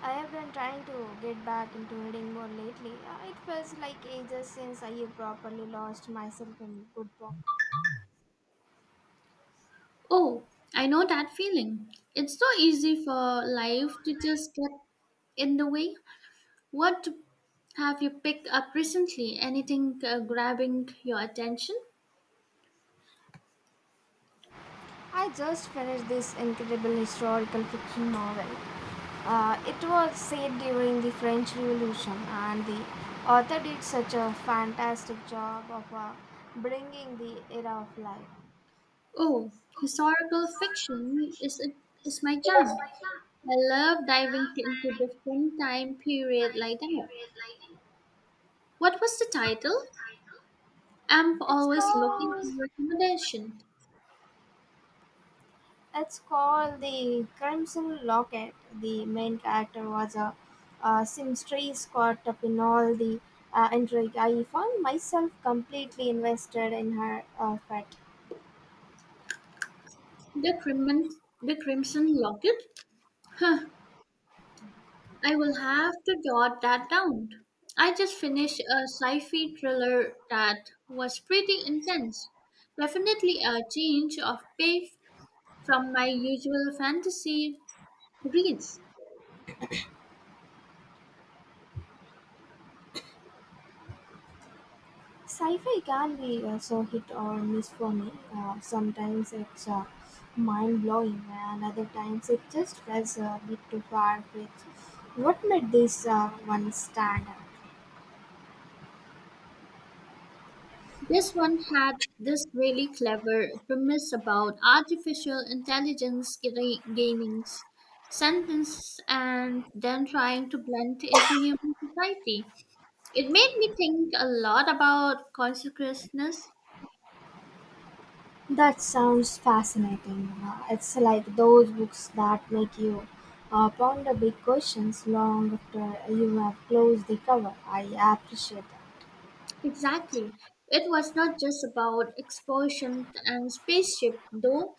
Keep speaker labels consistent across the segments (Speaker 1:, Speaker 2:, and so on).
Speaker 1: I have been trying to get back into reading more lately. It feels like ages since I have properly lost myself in a good book.
Speaker 2: Oh, I know that feeling. It's so easy for life to just get in the way. What have you picked up recently? Anything grabbing your attention?
Speaker 1: I just finished this incredible historical fiction novel. It was set during the French Revolution, and the author did such a fantastic job of bringing the era of life.
Speaker 2: Oh, historical fiction is my jam. I love diving into different time period like that. What was the title? I'm
Speaker 1: It's
Speaker 2: always looking
Speaker 1: called
Speaker 2: for recommendation.
Speaker 1: It's called the Crimson Locket. The main character was a seamstress caught up in all the intrigue. I found myself completely invested in her fate.
Speaker 2: The Crimson Locket. I will have to jot that down. I just finished a sci fi thriller that was pretty intense. Definitely a change of pace from my usual fantasy reads.
Speaker 1: Sci-fi can be so hit or miss for me. Sometimes it's mind-blowing, and other times it just feels a bit too far-fetched. What made this one stand out?
Speaker 2: This one had this really clever premise about artificial intelligence gaining sentence and then trying to blend into human society. It made me think a lot about consciousness.
Speaker 1: That sounds fascinating. It's like those books that make you ponder big questions long after you have closed the cover. I appreciate that.
Speaker 2: Exactly. It was not just about explosions and spaceship, though.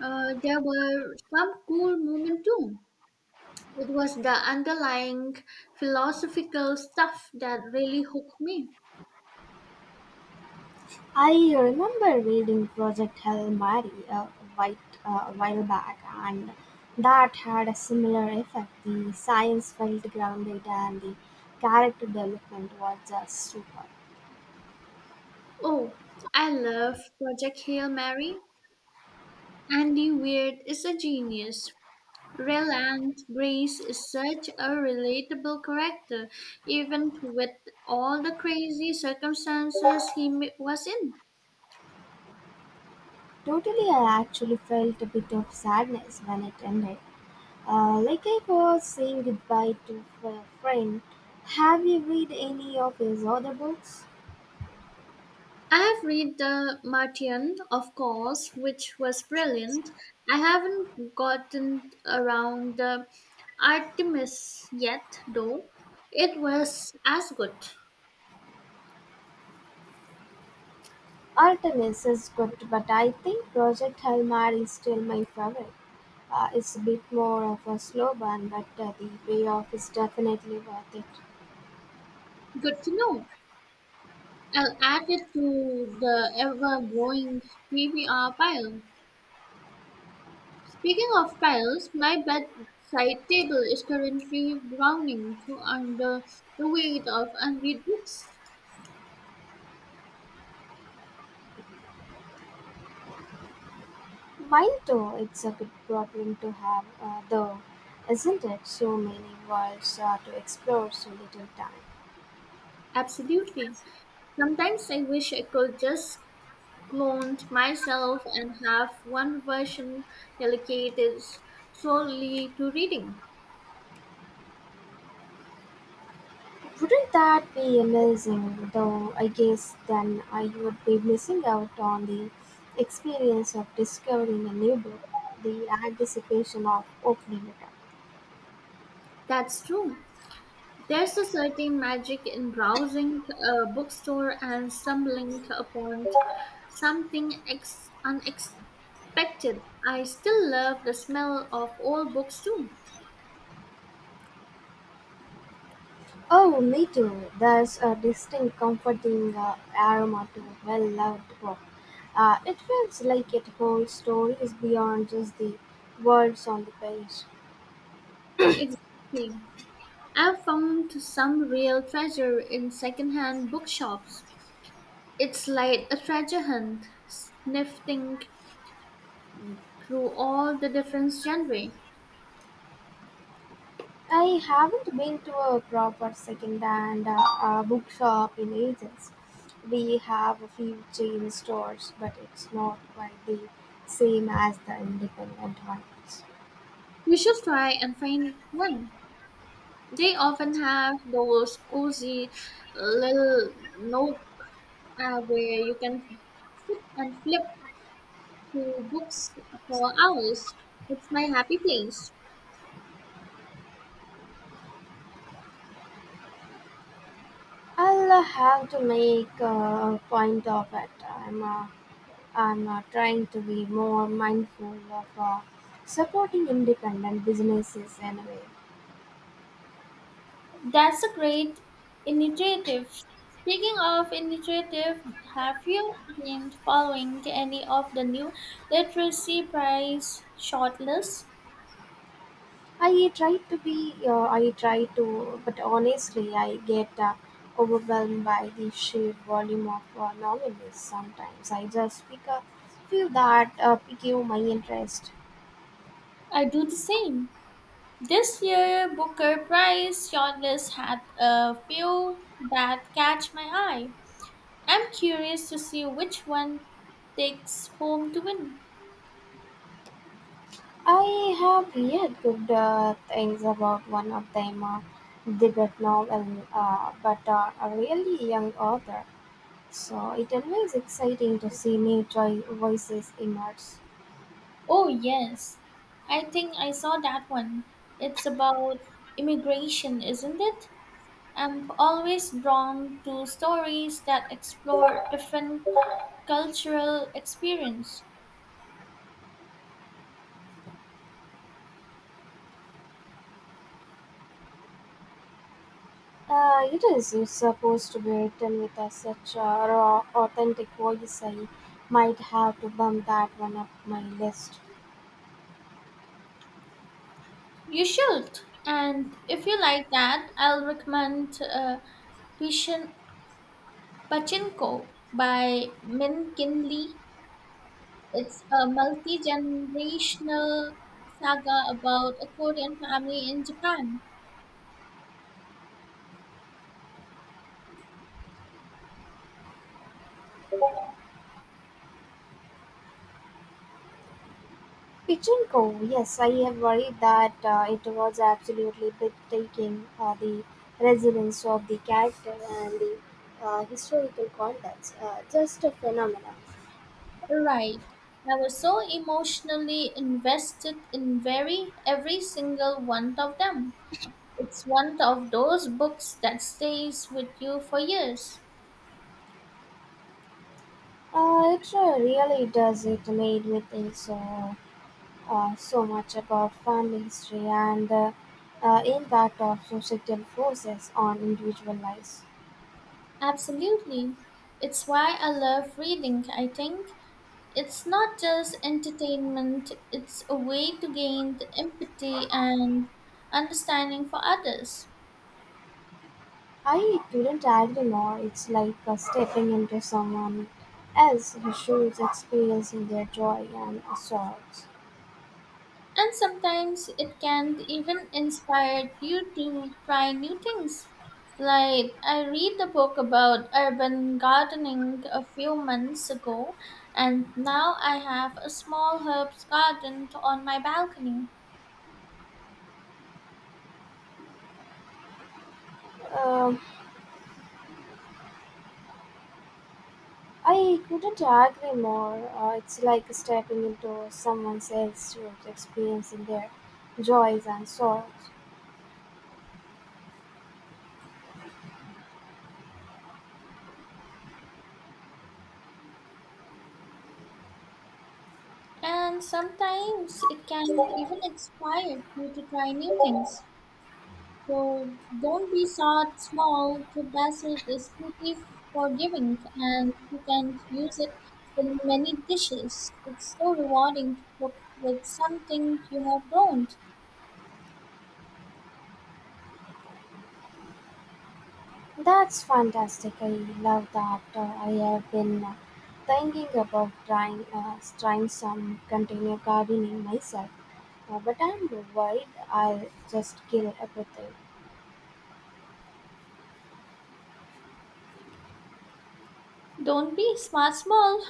Speaker 2: There were some cool moments too. It was the underlying philosophical stuff that really hooked me.
Speaker 1: I remember reading Project Hail Mary white, a while back, and that had a similar effect. The science felt grounded, and the character development was just super.
Speaker 2: Oh, I love Project Hail Mary. Andy Weird is a genius. Reland Grace is such a relatable character, even with all the crazy circumstances he was in.
Speaker 1: Totally, I actually felt a bit of sadness when it ended. Like I was saying goodbye to a friend, have you read any of his other books?
Speaker 2: I have read The Martian, of course, which was brilliant. I haven't gotten around the Artemis yet, though. It was as good.
Speaker 1: Artemis is good, but I think Project Hail Mary is still my favorite. It's a bit more of a slow burn, but the payoff is definitely worth it.
Speaker 2: Good to know. I'll add it to the ever growing TBR pile. Speaking of piles, my bedside table is currently groaning under the weight of unread books.
Speaker 1: Mine too, it's a good problem to have, though, isn't it? So many worlds to explore, so little time.
Speaker 2: Absolutely. Sometimes I wish I could just cloned myself and have one version dedicated solely to reading.
Speaker 1: Wouldn't that be amazing? Though I guess then I would be missing out on the experience of discovering a new book, the anticipation of opening it up.
Speaker 2: That's true. There's a certain magic in browsing a bookstore and stumbling upon something unexpected. I still love the smell of old books too.
Speaker 1: Oh, me too. There's a distinct comforting aroma to a well-loved book. It feels like it holds stories beyond just the words on the page.
Speaker 2: Exactly. I've found some real treasure in secondhand bookshops. It's like a treasure hunt, sniffing through all the different genres.
Speaker 1: I haven't been to a proper second-hand bookshop in ages. We have a few chain stores, but it's not quite the same as the independent ones.
Speaker 2: You should try and find one. They often have those cozy little nook where you can sit and flip through books for hours. It's my happy place.
Speaker 1: I'll have to make a point of it. I'm trying to be more mindful of supporting independent businesses anyway.
Speaker 2: That's a great initiative. Speaking of initiative, have you been following any of the new literacy prize shortlists?
Speaker 1: I try to, but honestly, I get overwhelmed by the sheer volume of novelists sometimes. I just pick a few that pique my interest.
Speaker 2: I do the same. This year, Booker Prize shortlist had a few that catch my eye. I'm curious to see which one takes home to win.
Speaker 1: I have read good things about one of them, Tibet novel, but a really young author. So it always exciting to see new joy voices emerge.
Speaker 2: Oh, yes, I think I saw that one. It's about immigration, isn't it? I'm always drawn to stories that explore different cultural experience.
Speaker 1: It is. It's supposed to be written with a such a raw, authentic voice. I might have to bump that one up my list.
Speaker 2: You should. And if you like that, I'll recommend Vision Pachinko by Min Kin Lee. It's a multi generational saga about a Korean family in Japan.
Speaker 1: Pichinko, yes, I have worried that it was absolutely breathtaking. The resilience of the character and the historical context, just a phenomenon.
Speaker 2: Right. I was so emotionally invested in very every single one of them. It's one of those books that stays with you for years.
Speaker 1: It really does. It made me think so much about family history and the impact of societal forces on individual lives.
Speaker 2: Absolutely. It's why I love reading, I think. It's not just entertainment, it's a way to gain the empathy and understanding for others.
Speaker 1: I couldn't agree more. It's like stepping into someone else's shoes, experiencing their joy and sorrows.
Speaker 2: And sometimes it can even inspire you to try new things. Like, I read the book about urban gardening a few months ago, and now I have a small herbs garden on my balcony.
Speaker 1: Um, I couldn't agree more. It's like stepping into someone else's shoes, experiencing their joys and sorrows.
Speaker 2: And sometimes it can even inspire you to try new things. So don't be sad small. The basil is pretty forgiving and you can use it in many dishes. It's so rewarding to cook with something you have grown.
Speaker 1: That's fantastic. I love that. I have been thinking about trying some container gardening myself, but I'm worried I'll just kill everything.
Speaker 2: Don't be smart small.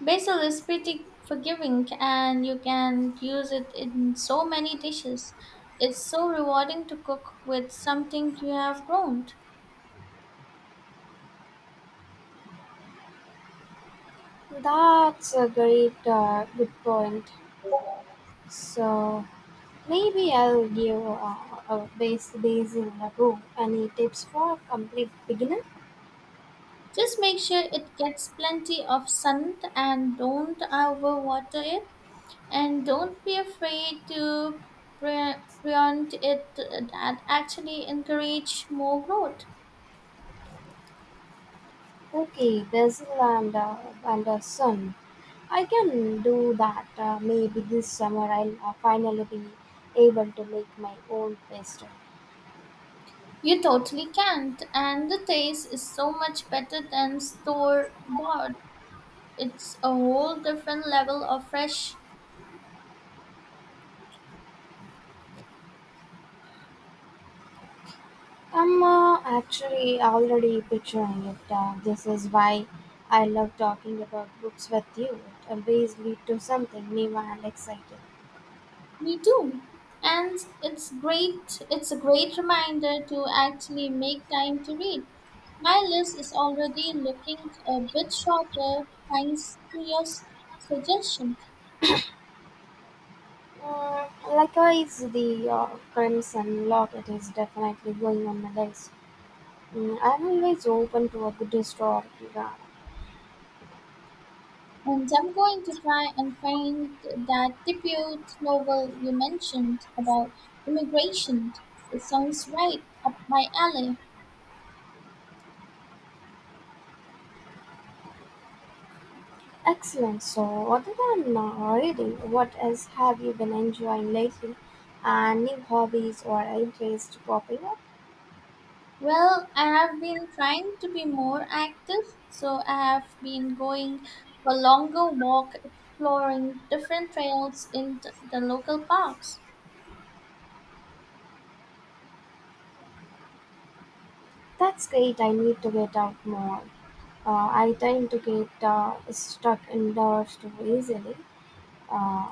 Speaker 2: Basil is pretty forgiving and you can use it in so many dishes. It's so rewarding to cook with something you have grown.
Speaker 1: That's a great good point. So maybe I'll give a base basil a go. Any tips for complete beginner?
Speaker 2: Just make sure it gets plenty of sun and don't overwater it. And don't be afraid to pre- preempt it. That actually encourage more growth.
Speaker 1: Okay, Basil and sun. I can do that. Maybe this summer I'll finally be able to make my own pasta.
Speaker 2: You totally can't, and the taste is so much better than store bought. It's a whole different level of fresh.
Speaker 1: I'm actually already picturing it. This is why I love talking about books with you. It always leads to something new and exciting.
Speaker 2: Me too. And it's a great reminder to actually make time to read. My list is already looking a bit shorter thanks to your suggestion.
Speaker 1: Mm, likewise, the Crimson Locket is definitely going on my list. Mm, I'm always open to a good historical drama.
Speaker 2: And I'm going to try and find that debut novel you mentioned about immigration. It sounds right up my alley.
Speaker 1: Excellent. So, other than reading, what else have you been enjoying lately? And new hobbies or interests popping up?
Speaker 2: Well, I have been trying to be more active, so I have been going for longer walk, exploring different trails in the local parks.
Speaker 1: That's great. I need to get out more. I tend to get stuck indoors too easily. Uh,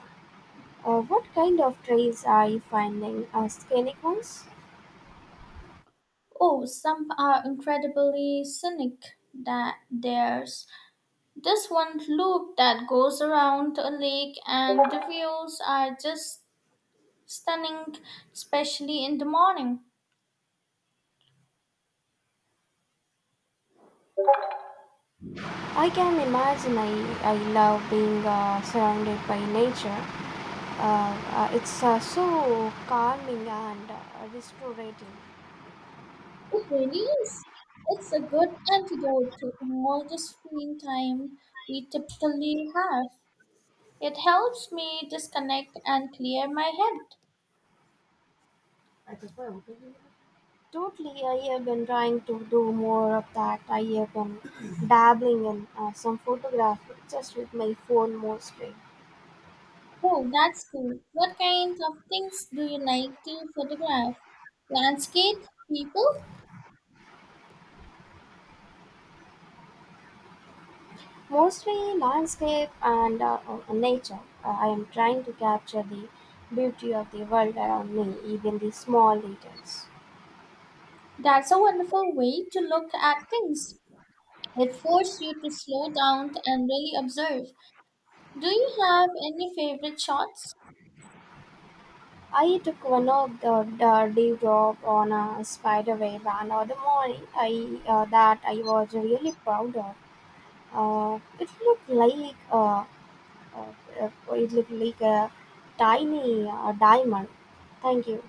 Speaker 1: what kind of trails are you finding? Scenic ones?
Speaker 2: Oh, some are incredibly scenic. That there's this one loop that goes around a lake, and the views are just stunning, especially in the morning.
Speaker 1: I can imagine. I love being surrounded by nature. It's so calming and restorative.
Speaker 2: It really is. It's a good antidote to all the screen time we typically have. It helps me disconnect and clear my head.
Speaker 1: Totally, I have been trying to do more of that. I have been dabbling in some photography just with my phone mostly.
Speaker 2: Oh, that's cool. What kinds of things do you like to photograph? Landscape? People?
Speaker 1: Mostly landscape and nature. I am trying to capture the beauty of the world around me, even the small details.
Speaker 2: That's a wonderful way to look at things. It forces you to slow down and really observe. Do you have any favorite shots?
Speaker 1: I took one of the dewdrop on a spider web and on the morning that I was really proud of. It looked like Uh, it looked like a tiny diamond. Thank you.